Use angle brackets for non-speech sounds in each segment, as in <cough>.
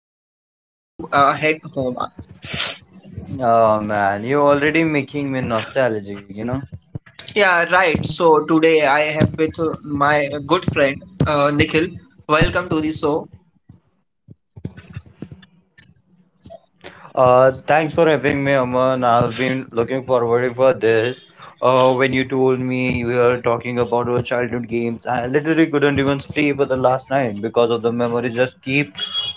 Was time to head home. Oh man, you're already making me nostalgic, you know. Yeah, right. So today I have with my good friend Nikhil. Welcome to the show. Thanks for having me, Aman. I've been looking forward for this. When you told you were talking about your childhood games, I literally couldn't even sleep for the last night because of the memories just keep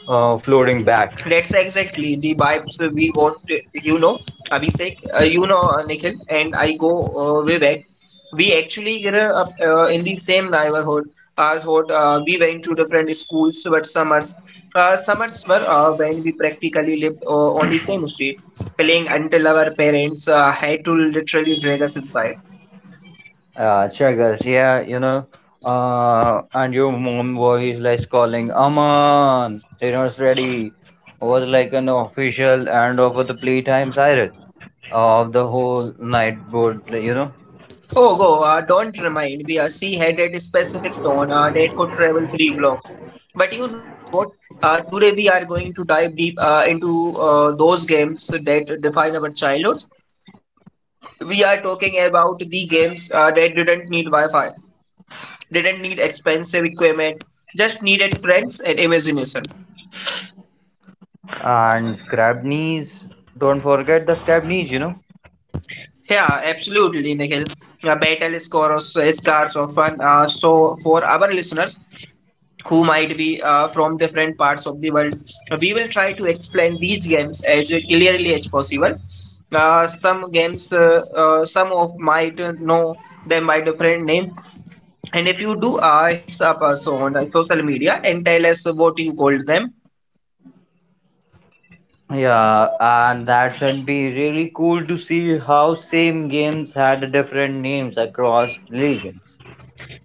floating back. That's exactly the vibes we want, you know, Abhishek, Nikhil, and I go way back. We actually grew up in the same neighborhood. Thought, we went to different schools, but summers were when we practically lived on the same street, playing until our parents had to literally drag us inside. Struggles, yeah, you know. And your mom voice like calling, Aman, dinner's ready. Was like an official and over the playtime siren of the whole night board, you know. Oh, go, don't remind me. A sea had a specific tone that could travel 3 blocks. But you know what? Today we are going to dive deep into those games that define our childhoods. We are talking about the games that didn't need Wi-Fi, didn't need expensive equipment, just needed friends and imagination. And scrap knees, don't forget the scrap knees. Yeah, absolutely, Nikhil. Battle scores, scars of fun. So for our listeners, who might be from different parts of the world. We will try to explain these games as clearly as possible. Some games, some of might know them by different name. And if you do, hits up us on social media and tell us what you called them. Yeah, and that should be really cool to see how same games had different names across regions.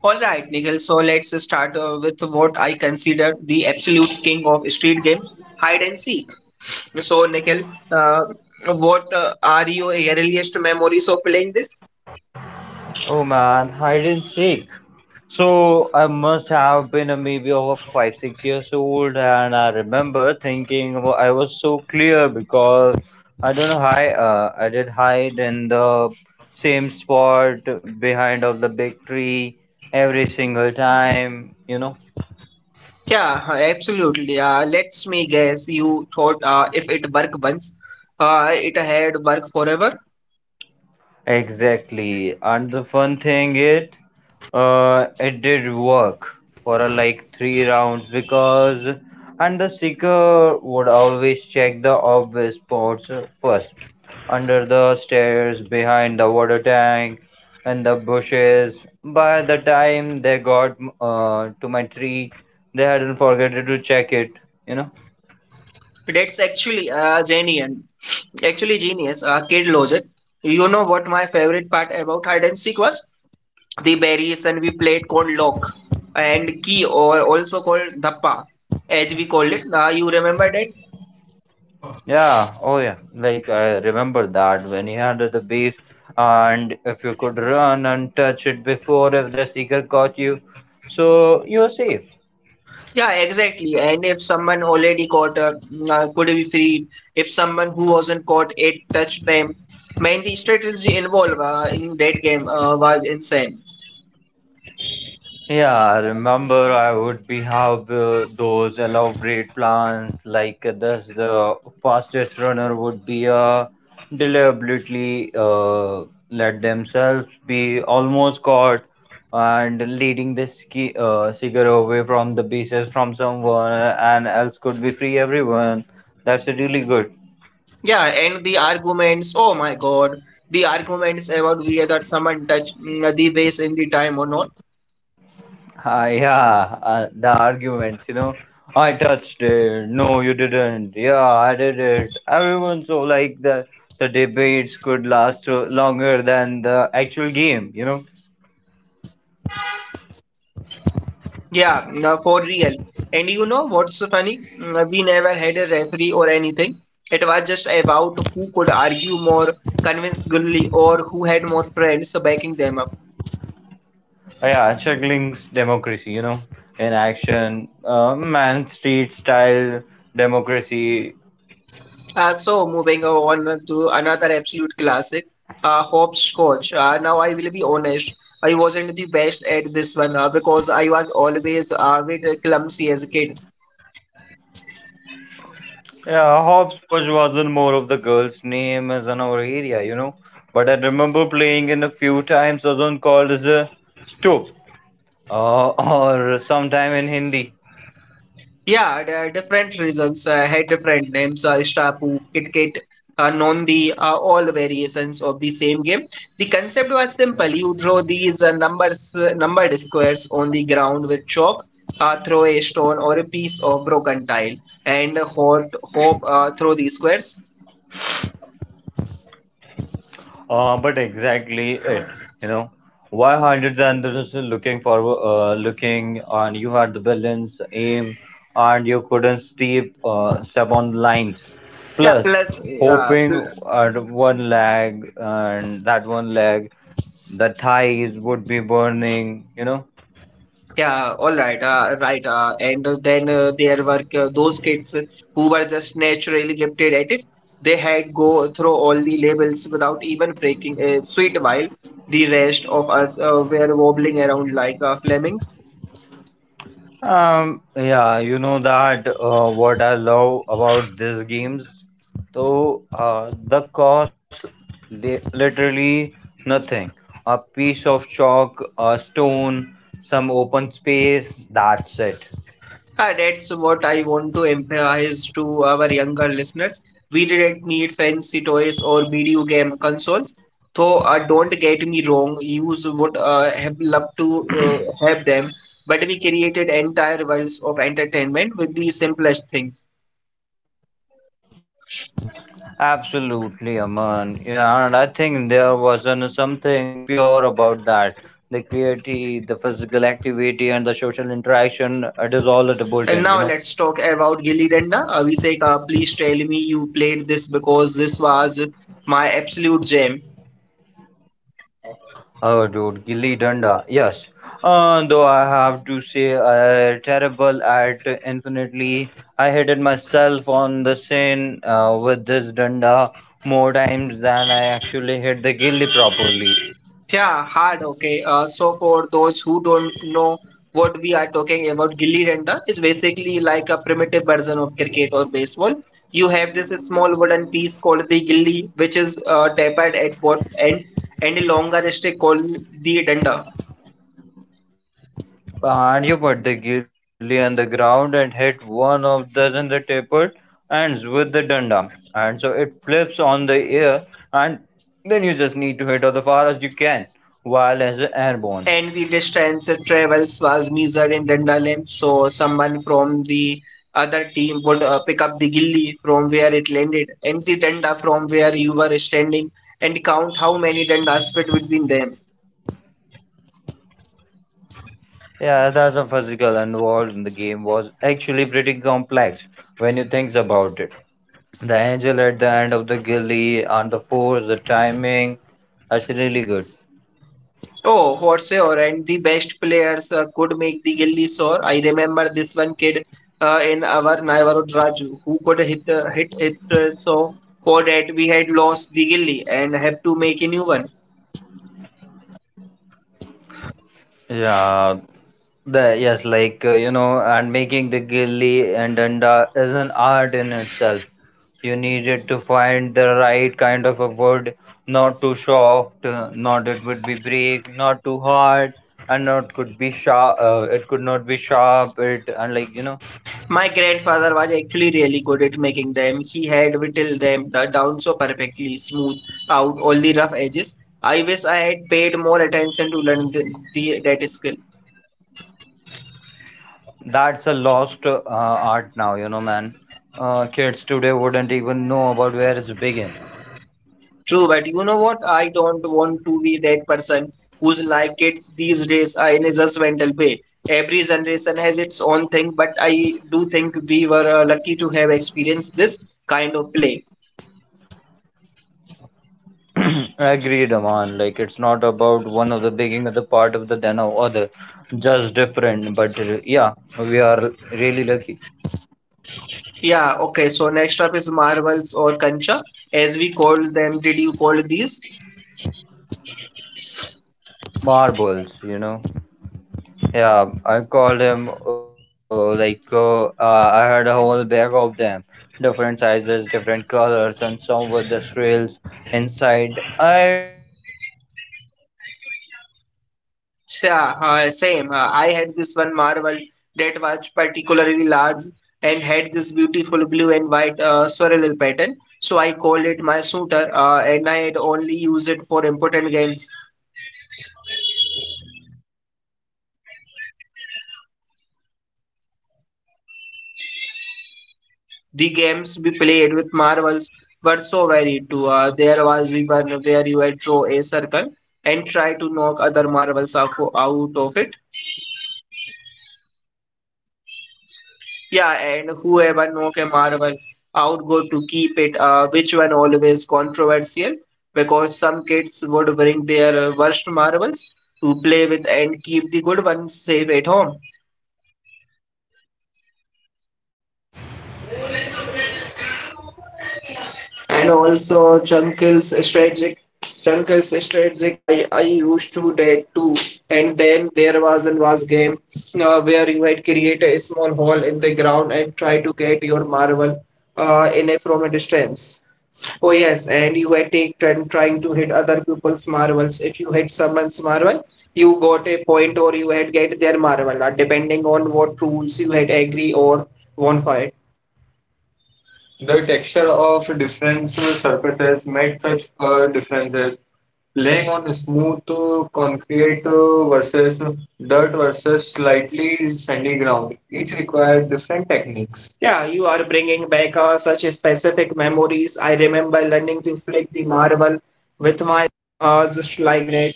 All right, Nikhil. So let's start with what I consider the absolute king of street games, hide and seek. So, Nikhil, uh, what are your earliest memories of playing. Oh man, hide and seek. So I must have been a maybe over five, 6 years old, and I remember thinking I was so clear because I don't know how. I did hide in the same spot behind of the big tree every single time. You know. Exactly. And the fun thing it did work for like three rounds because and the seeker would always check the obvious spots first, under the stairs, behind the water tank and the bushes. By the time they got to my tree, they hadn't forgotten to check it, you know. That's actually genius. Actually genius, Kid Logic. You know what my favorite part about hide and seek was? The variation we played called lock and key, or also called dappa as we called it. You remember that? Yeah, oh yeah. Like I remember that when he had the beast, and if you could run and touch it before if the seeker caught you, so you're safe. Yeah, exactly. And if someone already caught could be freed. If someone who wasn't caught, it touched them. Man, the strategy involved in that game was insane. Yeah, I remember I would be have those elaborate plans like this the fastest runner would be deliberately let themselves be almost caught and leading the ski, cigar away from the bases from someone and else could be free everyone. That's really good. Yeah, and the arguments, oh my God, the arguments about whether someone touched the vase in the time or not. Yeah, the arguments, you know, I touched it. No, you didn't. Yeah, I did it. Everyone so like the debates could last longer than the actual game. Yeah, for real. And you know what's funny? We never had a referee or anything. It was just about who could argue more convincingly or who had more friends backing them up. Yeah, Chuckling's democracy, you know, in action. Man Street style democracy. So moving on to another absolute classic, hopscotch. Now I will be honest, I wasn't the best at this one because I was always a bit clumsy as a kid. Yeah, hopscotch wasn't more of the girl's name as in our area, you know. But I remember playing in a few times. Wasn't called as a stoop <laughs> or sometime in Hindi. Yeah, there are different reasons had different names. Strapu, KitKat, Nondi are all variations of the same game. The concept was simple. You draw these numbered squares on the ground with chalk. Throw a stone or a piece of broken tile and hope, throw these squares. But exactly it, you know, why hundreds and they're looking for looking, and you had the balance aim, and you couldn't step on lines. Yeah, Plus, plus uh, hoping pl- at one leg and that one leg, the thighs would be burning, you know. yeah, all right, right, and then there were those kids who were just naturally gifted at it. They had go through all the labels without even breaking a sweet, while the rest of us were wobbling around like lemmings. Yeah, you know that what I love about these games, though, the cost they literally nothing. A piece of chalk, a stone, some open space, that's it. That's what I want to emphasize to our younger listeners. We didn't need fancy toys or video game consoles. Though, don't get me wrong, use would have loved to have them, but we created entire worlds of entertainment with the simplest things. Absolutely, Aman. Yeah, and I think there wasn't something pure about that. The creativity, the physical activity, and the social interaction, it is all at a And now built in, let's you know. talk about Gilly Danda. Abhishek, please tell me you played this because this was my absolute jam. Oh, dude, Gilly Danda. Yes. Though I have to say, I terrible at infinitely. I hated myself on the scene with this Danda more times than I actually hit the Gilly properly. Yeah, hard. Okay. So for those who don't know what we are talking about, gilli danda is basically like a primitive version of cricket or baseball. You have this small wooden piece called the gilli, which is tapered at both end, and a longer stick called the danda. And you put the Gilly on the ground and hit one of dozen the tapered ends with the Danda. And so it flips on the air, and then you just need to hit it as far as you can while as And the airborne. distance travels was measured in dandelion, so someone from the other team would pick up the gilli from where it landed and the danda from where you were standing, and count how many dandas fit between them. Yeah, that's a physical involved in the game was actually pretty complex when you think about it. The angel at the end of the gully and the force, the timing, that's really good. Oh, for sure, and the best players could make the gilli sore. I remember this one kid in our neighborhood, Raju, who could hit it so for that we had lost the gilli and have to make a new one. Yeah, the yes, like you know, and making the gilli and danda is an art in itself. You needed to find the right kind of a wood, not too soft, not it would be break, not too hard, and not could be sharp. It could not be sharp. It and like you know, My grandfather was actually really good at making them. He had whittled them down so perfectly, smoothed out all the rough edges. I wish I had paid more attention to learn that skill. that's a lost art now. You know, man. Kids today wouldn't even know about where it's begin. True, but you know what? I don't want to be that person who's like kids these days are in a judgmental way. Every generation has its own thing, but I do think we were lucky to have experienced this kind of play. Agreed, Aman. Like it's not about one of the being the part of the than of other, just different. But yeah, we are really lucky. Yeah, okay, so next up is marbles or kancha, as we call them. Did you call these? Marbles, you know. Yeah, I call them like I had a whole bag of them, different sizes, different colors, and some with the swirls inside. I guarded that the bag like I was a, it wasn't like a Yeah, treasure. same. I had this one marble that was particularly large and had this beautiful blue and white swirl pattern. So I called it my suitor, and I had only used it Am I for important audible? games. The games we played with marbles were so varied too. There was even where you had draw a circle and try to knock other marbles out of it. Yeah, and whoever knock a marvel out go to keep it, which one always controversial because some kids would bring their worst marvels to play with and keep the good ones safe at home. And also Chunkles strategic, I used to that too. And then there was and was game where you had create a small hole in the ground and try to get your marble in a from a distance. Oh yes, and you had take turn trying to hit other people's marbles. If you hit someone's marble, you got a point, or you had get their marble, depending on what rules you had agree or won for. The texture of different surfaces made such a difference, laying on smooth concrete versus dirt versus slightly sandy ground. Each required different techniques. Yeah, you are bringing back such specific memories. I remember learning to flick the marble with my just like that,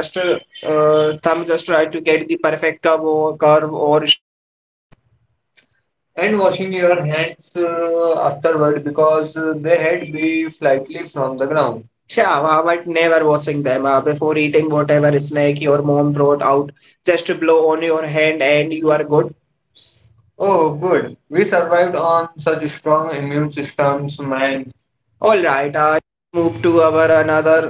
just thumb, just try to get the perfect curve or straight shot, and washing your hands afterward because they had be slightly from the ground. Yeah, but never washing them before eating whatever snack your mom brought out. Just blow on your hand and you are good. Oh, good. We survived on such strong immune systems, man. All right, I move to our another.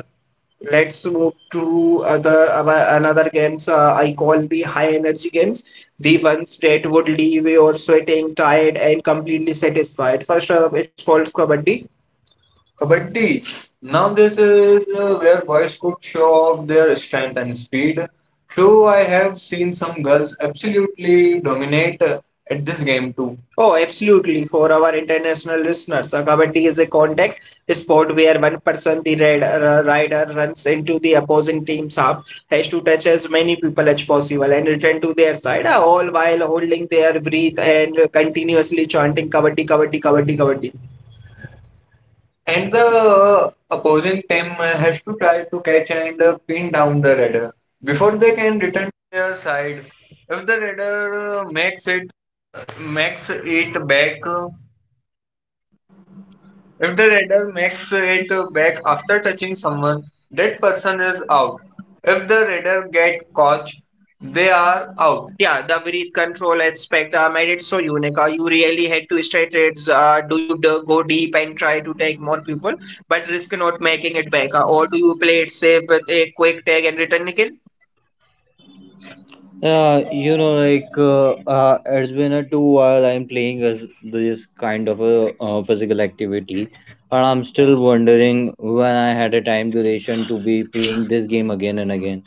Let's move to other our another games. I call the high energy games, the ones that would leave you sweating, tired, and completely satisfied. First up, it's called kabaddi. Kabaddi. Now this is where boys could show off their strength and speed. True, I have seen some girls absolutely dominate at this game too. Oh, absolutely. For our international listeners, a kabaddi is a contact sport where one person, the rider, runs into the opposing team's half, has to touch as many people as possible and return to their side, all while holding their breath and continuously chanting kabaddi, kabaddi, kabaddi, kabaddi. And the opposing team has to try to catch and pin down the raider before they can return to their side. If the raider makes it back, if the radar makes it back after touching someone, that person is out. If the radar get caught, they are out. Yeah, the breath control aspect made it so unique. You really had to straight it. Do you go deep and try to take more people, but risk not making it back, or do you play it safe with a quick tag and return again? Yeah, you know, like it's been a two while I'm playing as this kind of a physical activity, and I'm still wondering when I had a time duration to be playing this game again and again.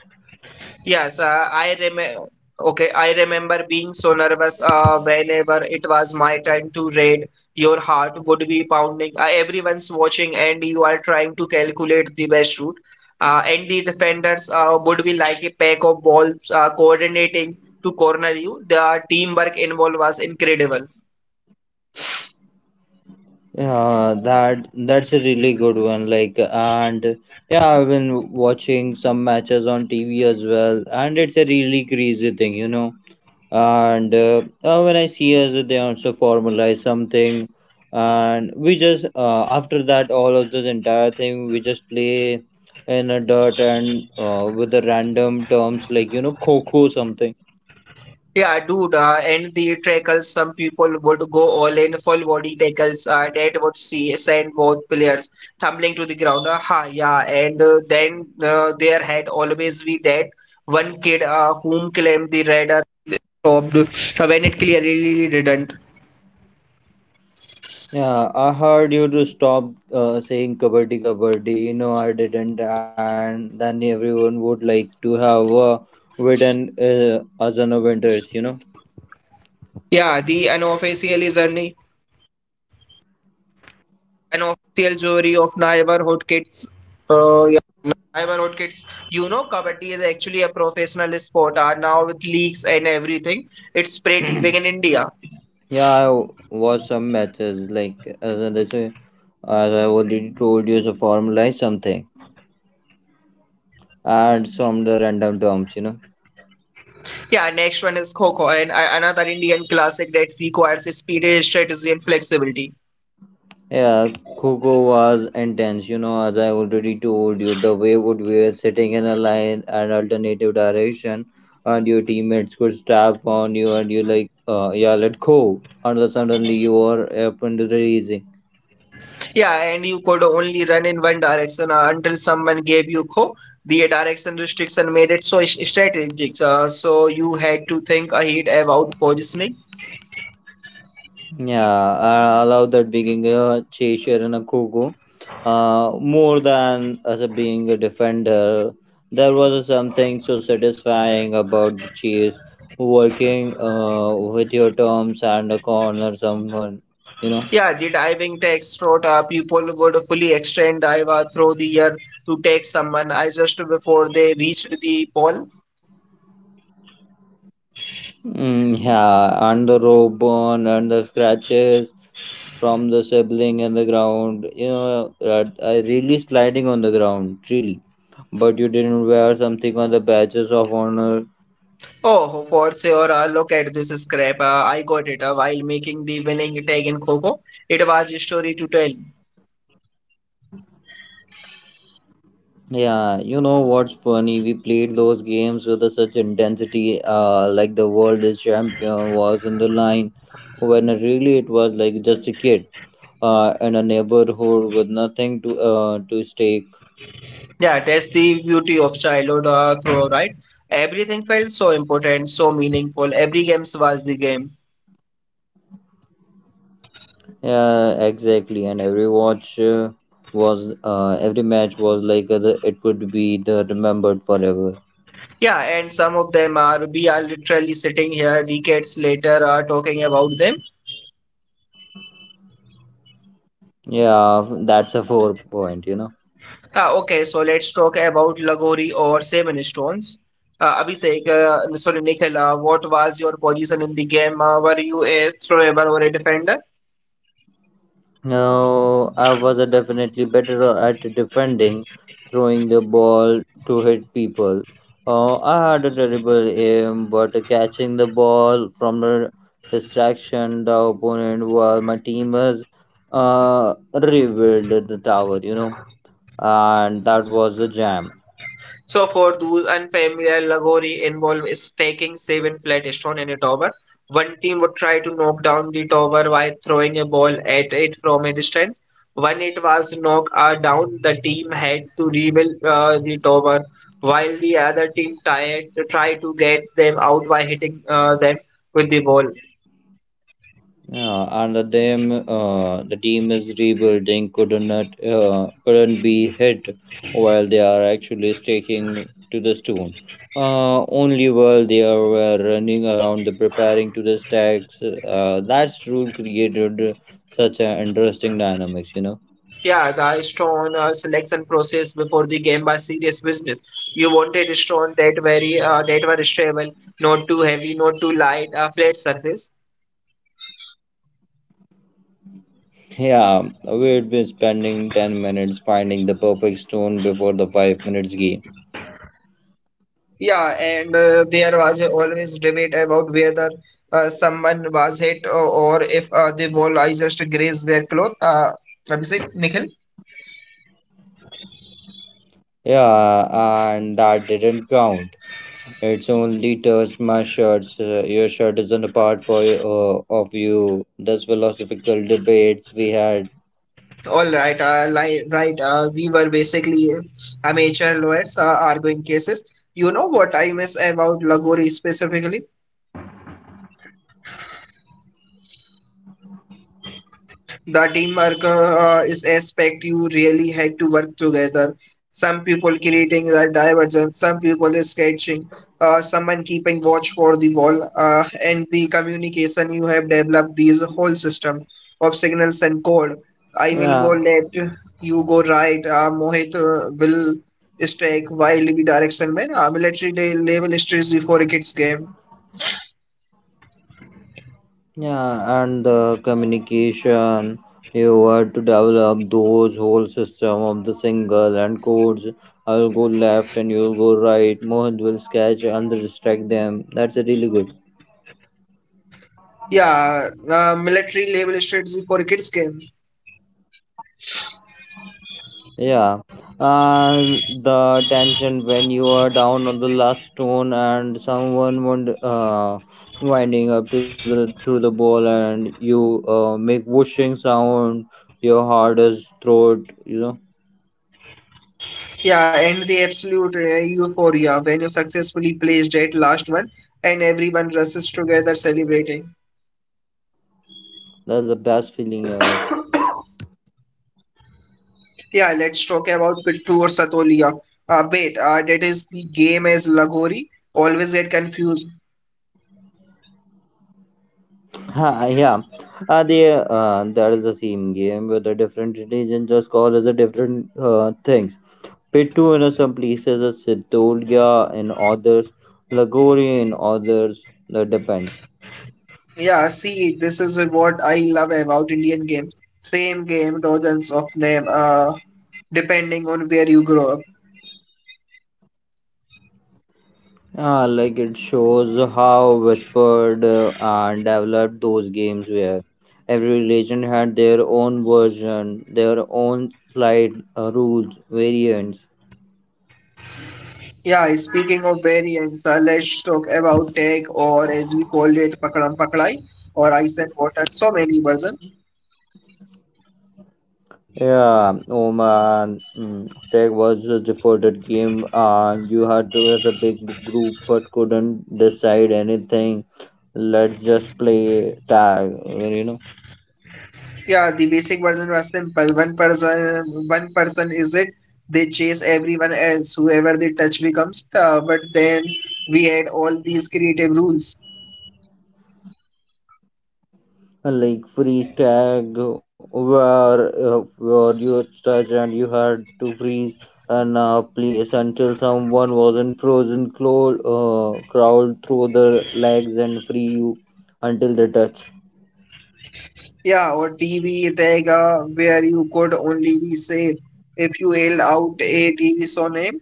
Yes, I remember. Okay, I remember being so nervous whenever it was my turn to read. Your heart would be pounding. Everyone's watching, and you are trying to calculate the best route. And the defenders would be like a pack of balls coordinating to corner you. The teamwork involved was incredible. Yeah, that that's a really good one. Like, and yeah, I've been watching some matches on TV as well, and it's a really crazy thing, you know. And when I see as they also formalize something, and we just after that all of this entire thing, we just play in a dirt and with the random terms like you know coco something. Yeah, dude, and the tackles, some people would go all in full body tackles. That would see send both players tumbling to the ground. Yeah, and then there had always be that one kid whom claimed. Yeah, I heard you to stop saying kabaddi, kabaddi. No, I didn't, and then everyone would like to have written as an winters, you know. Professional sport are now with leagues and everything. It's pretty big in India. Yeah, I watched some matches like as I already told you, so formalize something and some the random terms, you know. Yeah, next one is Kho Kho, and another Indian classic that requires speed, strategy, and flexibility. Yeah, Coco was intense. You know, as I already told you, the way would were sitting in a line and alternative direction, and your teammates could step on you, and you like, yeah, let go. And then suddenly you are up and raising. Yeah, and you could only run in one direction until someone gave you Kho. The direction restriction made it so strategic, so you had to think ahead about positioning. Yeah, I love that being a chaser and a cuckoo more than as a being a defender. There was something so satisfying about the chase, working with your terms and a corner someone, you know. Yeah, the diving takes throat. People would fully extend dive through the air to take someone. I just before they reached the pole. Yeah, and the rope burn and the scratches from the sibling and the ground, you know, really sliding on the ground, really. But you didn't wear something on the badges of honor. Oh, for sure. Look at this scrap. I got it while making the winning tag in Coco. It was a story to tell. Yeah, you know what's funny? We played those games with a such intensity, like the world is champion was on the line, when really it was like just a kid, in a neighborhood with nothing to to stake. Yeah, that's the beauty of childhood, throw, right? Everything felt so important, so meaningful. Every game was the game. Yeah, exactly. And every match was like it would be the remembered forever. Yeah, and some of them are, we are literally sitting here decades later talking about them. Yeah, that's a four point, you know. Okay, so let's talk about Lagori or seven stones. Abhishek, sorry, Nikhil, what was your position in the game? Were you a thrower or a defender? No, I was definitely better at defending, throwing the ball to hit people. I had a terrible aim, but catching the ball from the distraction, the opponent, while my teammates rebuilt the tower, you know, and that was a jam. So for those unfamiliar, Lagori involved stacking seven flat stones in a tower. One team would try to knock down the tower by throwing a ball at it from a distance. When it was knocked down, the team had to rebuild the tower, while the other team tried to get them out by hitting them with the ball. Yeah, and the team is rebuilding. Couldn't be hit while they are actually staking to the stone. Only while they are were running around the preparing to the stacks. That's rule created such an interesting dynamics. You know. Yeah, the Stone selection process before the game was serious business. You wanted Stone that very that were stable, not too heavy, not too light, a flat surface. Yeah, we'd been spending 10 minutes finding the perfect stone before the 5 minutes game. Yeah, and there was always debate about whether someone was hit or if the ball I just grazed their cloth. Abhishek, Nikhil. Yeah, and that didn't count. It's only touched my shirts. Your shirt isn't a part for of you. That's philosophical debates we had. All right, li right. We were basically amateur lawyers arguing cases. You know what I miss about Lagori specifically? The teamwork is aspect you really had to work together. Some people creating the diversion, some people is sketching, someone keeping watch for the wall, and the communication you have developed these whole systems of signals and code. I will go Yeah. left, you go right. Mohit will strike wildly direction man. Military day level strategy for a kids game. Yeah, and the communication you had to develop those whole system of the single and codes. I'll go left and you'll go right. Mohit will sketch and distract them. That's really good. Yeah, military level strategy for a kids game. Yeah, and the tension when you are down on the last stone and someone winding up to the ball and you make whooshing sound, your heart is throat. You know Yeah, and the absolute euphoria when you successfully placed that last one and everyone rushes together celebrating. that's the best feeling ever. Yeah, let's talk about Pittu or Satolia. Wait, that is the game as Lagori. Always get confused. Ha, yeah, the that is the same game with a different religion just call as a different things. Pitu in some places, a Siddholgia in others, Lagori in others. That depends. Yeah, see, this is what I love about Indian games. Same game, dozens of name, depending on where you grow up. Yeah, like it shows how whispered and developed those games were. Every region had their own version, their own slight rules, variants. Yeah, speaking of variants, let's talk about tag or as we call it, pakadam pakdai or ice and water. So many versions. Yeah, Oman, Tech was a defaulted game, and you had to as a big group but couldn't decide anything. Let's just play tag, you know. Yeah, the basic version was simple. One person is it. They chase everyone else, whoever they touch becomes. But then we had all these creative rules. Like freeze tag where you stretch and you had to freeze and place until someone wasn't frozen crawled through the legs and free you until they touch. Yeah, or TV tag, where you could only be safe if you yelled out a TV show name.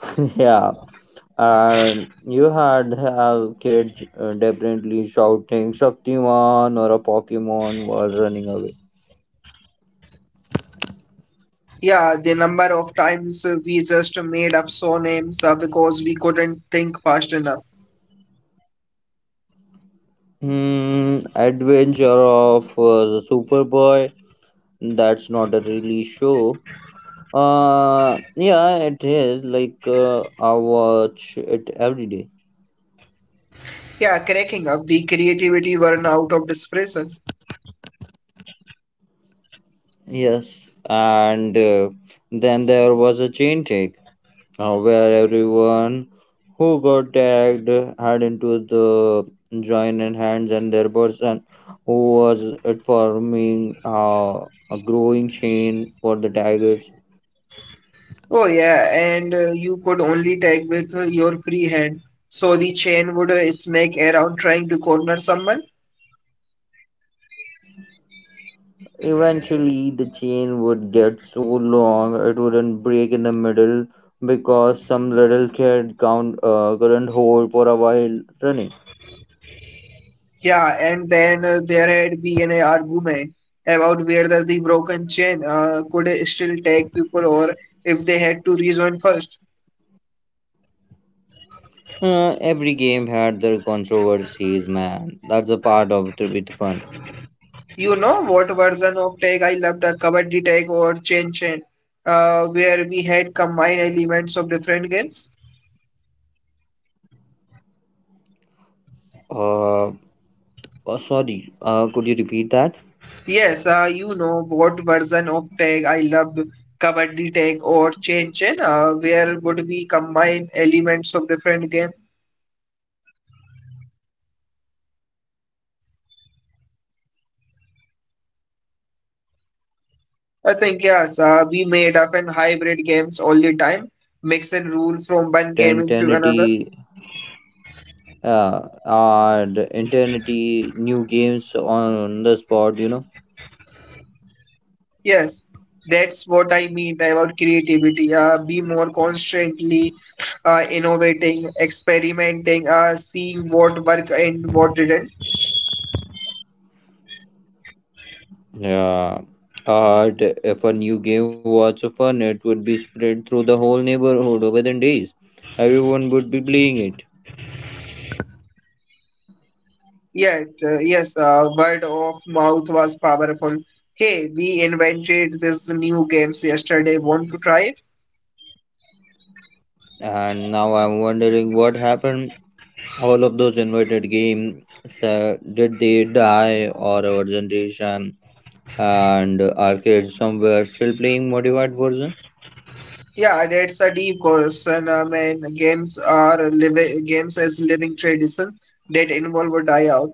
<laughs> Yeah, and you had have kids definitely shouting shaktiman or a pokemon while running away. Yeah, the number of times we just made up so names because we couldn't think fast enough. Adventure of the Superboy. That's not a really show. Yeah, it is. Like, I watch it every day. Yeah, cracking up. The creativity run out of desperation. Yes. And then there was a chain take where everyone who got tagged had into the join in hands, and their person who was it forming a growing chain for the tigers. Oh yeah, and you could only tag with your free hand. So the chain would snake around trying to corner someone. Eventually, the chain would get so long it wouldn't break in the middle because some little kid couldn't hold for a while running. Yeah, and then there had been an argument about whether the broken chain could still tag people or if they had to rejoin first. Every game had their controversies, man. That's a part of the bit fun. You know what version of tag I loved? The Kabaddi tag or Chain Chain, where we had combined elements of different games. Uh, Sorry, could you repeat that? Yes, you know what version of tag I loved? Kabaddi tag or Chain Chain, where would we combine elements of different game? Yeah, yeah. Would be make up hybrid games all of the I time, think yes, mix the we made up rules and from the hybrid one games all game the into time, another, mixing rule from one create an game into another. eternity, add eternity new games on the spot. You know. Yes, that's what I mean about creativity. Be more constantly innovating, experimenting, seeing what worked and what didn't. Yeah. Add if a new game was fun, it would be spread through the whole neighborhood over the days. Everyone would be playing it. Yet, yes, word of mouth was powerful. Hey, we invented this new games yesterday. Want to try it? And now I'm wondering what happened all of those invited games. Uh, did they die or our generation and our kids somewhere still playing modified version? Yeah, that's a deep question. I mean, games are living games as living tradition that involve a die out.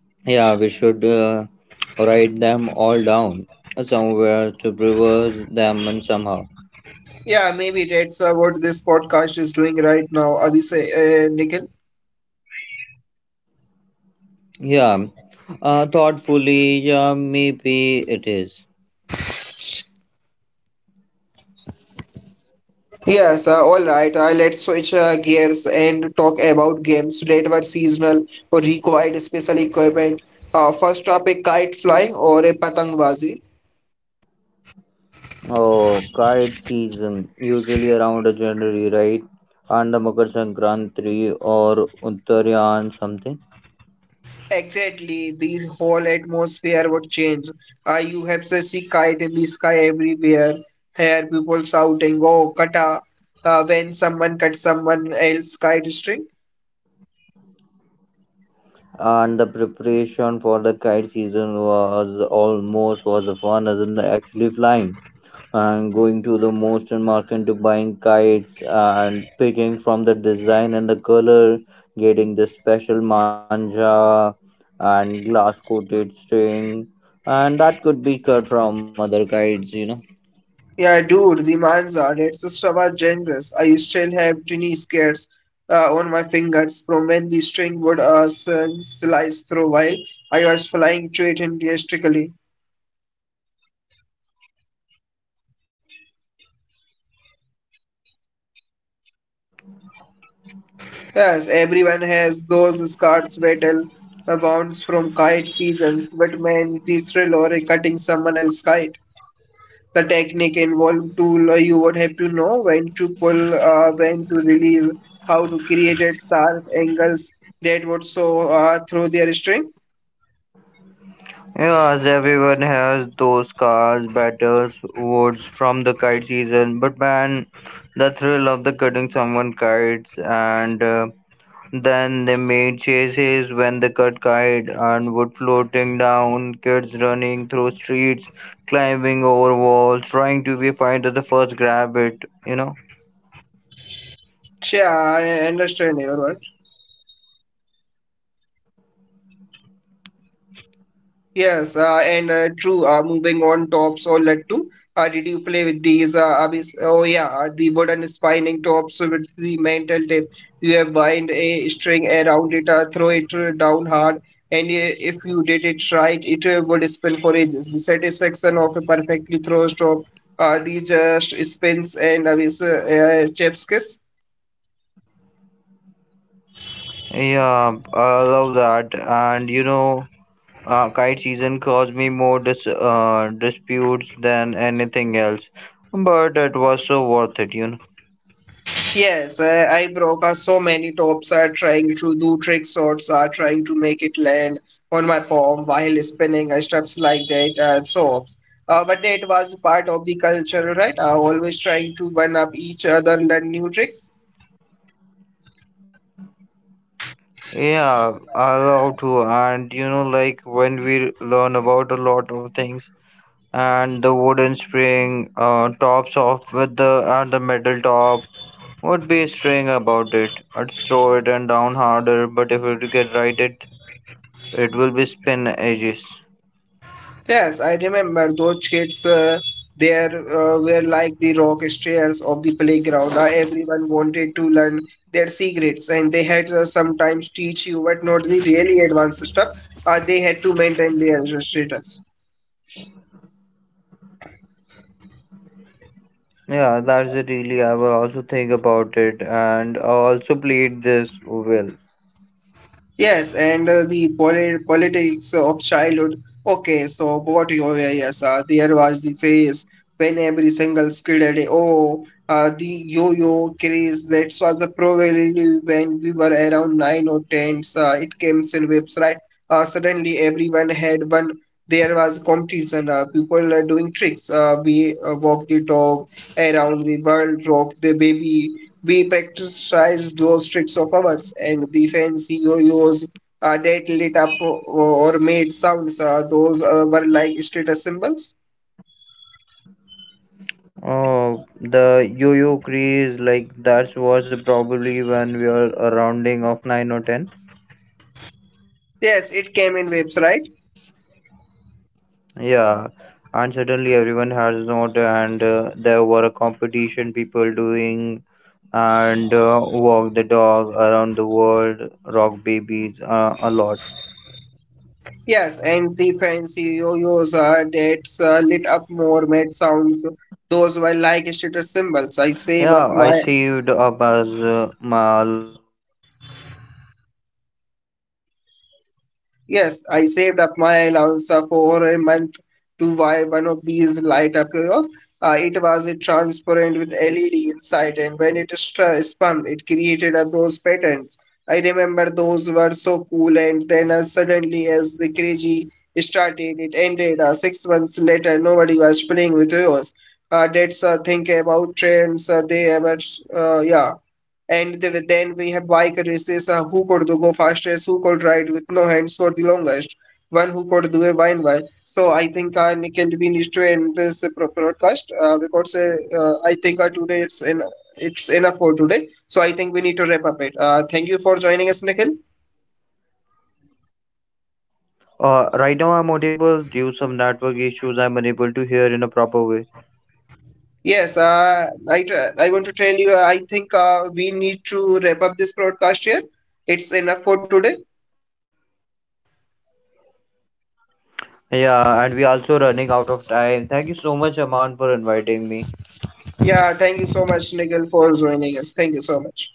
Yeah, we should write them all down somewhere to reverse them and somehow. Yeah, maybe that's what this podcast is doing right now, Abhishek, Nikhil. Yeah, thoughtfully, yeah, maybe it is. Oh, kite season usually around January, right? And the Makar Sankranti or Uttarayan something. Exactly, the whole atmosphere would change. You have to see kite in the sky everywhere. Here, people shouting, "Oh, kata!" When someone cuts someone else's kite string. And the preparation for the kite season was almost was fun as in actually flying and going to the most and market to buying kites and picking from the design and the color, getting the special manja and glass coated string and that could be cut from other kites, you know. Yeah, dude, the manza, that's just about dangerous. I still have tiny scars on my fingers from when the string would slice through while I was flying to it enthusiastically. Yes, everyone has those scars battle, wounds from kite seasons, but man, the thrill or cutting someone else's kite. The technique involved tool, you would have to know when to pull, when to release, how to create it, sharp angles that would so through their string. Yes, everyone has those cars, battles, woods from the kite season, but man, the thrill of the cutting someone kites and then they made chases when they cut kite and wood floating down, kids running through streets, climbing over walls, trying to be find the first grab it, you know. Yeah, I understand your word. Yes, and true. Moving on tops or let to. Did you play with these? Oh yeah, the wooden spining tops with the metal tip. You have bind a string around it, throw it down hard, and if you did it right, it would spin for ages. The satisfaction of a perfectly thrown top. These just spins and chef's kiss. Yeah, I love that, and you know. Kite season caused me more disputes than anything else, but it was so worth it, you know. Yes, I broke so many tops are trying to do tricks or are trying to make it land on my palm while spinning straps like that soaps. But it was part of the culture, right? Always trying to one up each other, learn new tricks. Yeah, I love to, and you know, like when we learn about a lot of things, and the wooden spring tops off with the and the metal top would be string about it. I'd throw it and down harder, but if you get right, it will be spin edges. Yes, I remember those kids. There were like the rock stairs of the playground. Everyone wanted to learn their secrets, and they had sometimes teach you, but not the really advanced stuff. They had to maintain their status. Yeah, that's it. Really. I will also think about it, and I also played this well. Yes, and the politics of childhood. Okay, so what you yeah, yes, there was the phase when every single kid had the yo-yo craze. That was the probably when we were around nine or ten. It came in waves, right? Suddenly everyone had one. There was competition. People are doing tricks. We walk the dog around the world, rock the baby. We practiced those tricks of ours, and the fancy yo-yos that lit up or made sounds, those were like status symbols. Oh, the yo-yo craze, like that was probably when we were a rounding of nine or ten. Yes, it came in waves, right? Yeah, and suddenly everyone has not, and there were a competition people doing, and walk the dog around the world, rock babies a lot. Yes, and the fancy yo-yos that lit up more made sounds, those were like status symbols. I Yeah, save up I my. saved up as my allowance on the months by one of those light up and yo-yos. Yes, I It saved wasn't up my transparent allowance with the for a LED month lights to inside. buy one of these When it's light up from, of. it's It created was a those transparent with patterns. LED inside, and when it spun, it created those patterns. I remember those were so cool, and then suddenly, as the crazy started, it ended. 6 months later, nobody was playing with yours. That's think about trends. They ever, yeah. And the, then we have bike races who could do go fastest, who could ride with no hands for the longest, one who could do a wine while. So I think Nikhil, we need to end this broadcast because I think today it's enough for today. So I think we need to wrap up it. Thank you for joining us, Nikhil. Right now I'm unable due some network issues. I'm unable to hear in a proper way. Yes, I want to tell you, I think we need to wrap up this broadcast here. It's enough for today. Yeah, and we also running out of time. Thank you so much, Aman, for inviting me. Yeah, thank you so much, Nikhil, for joining us. Thank you so much.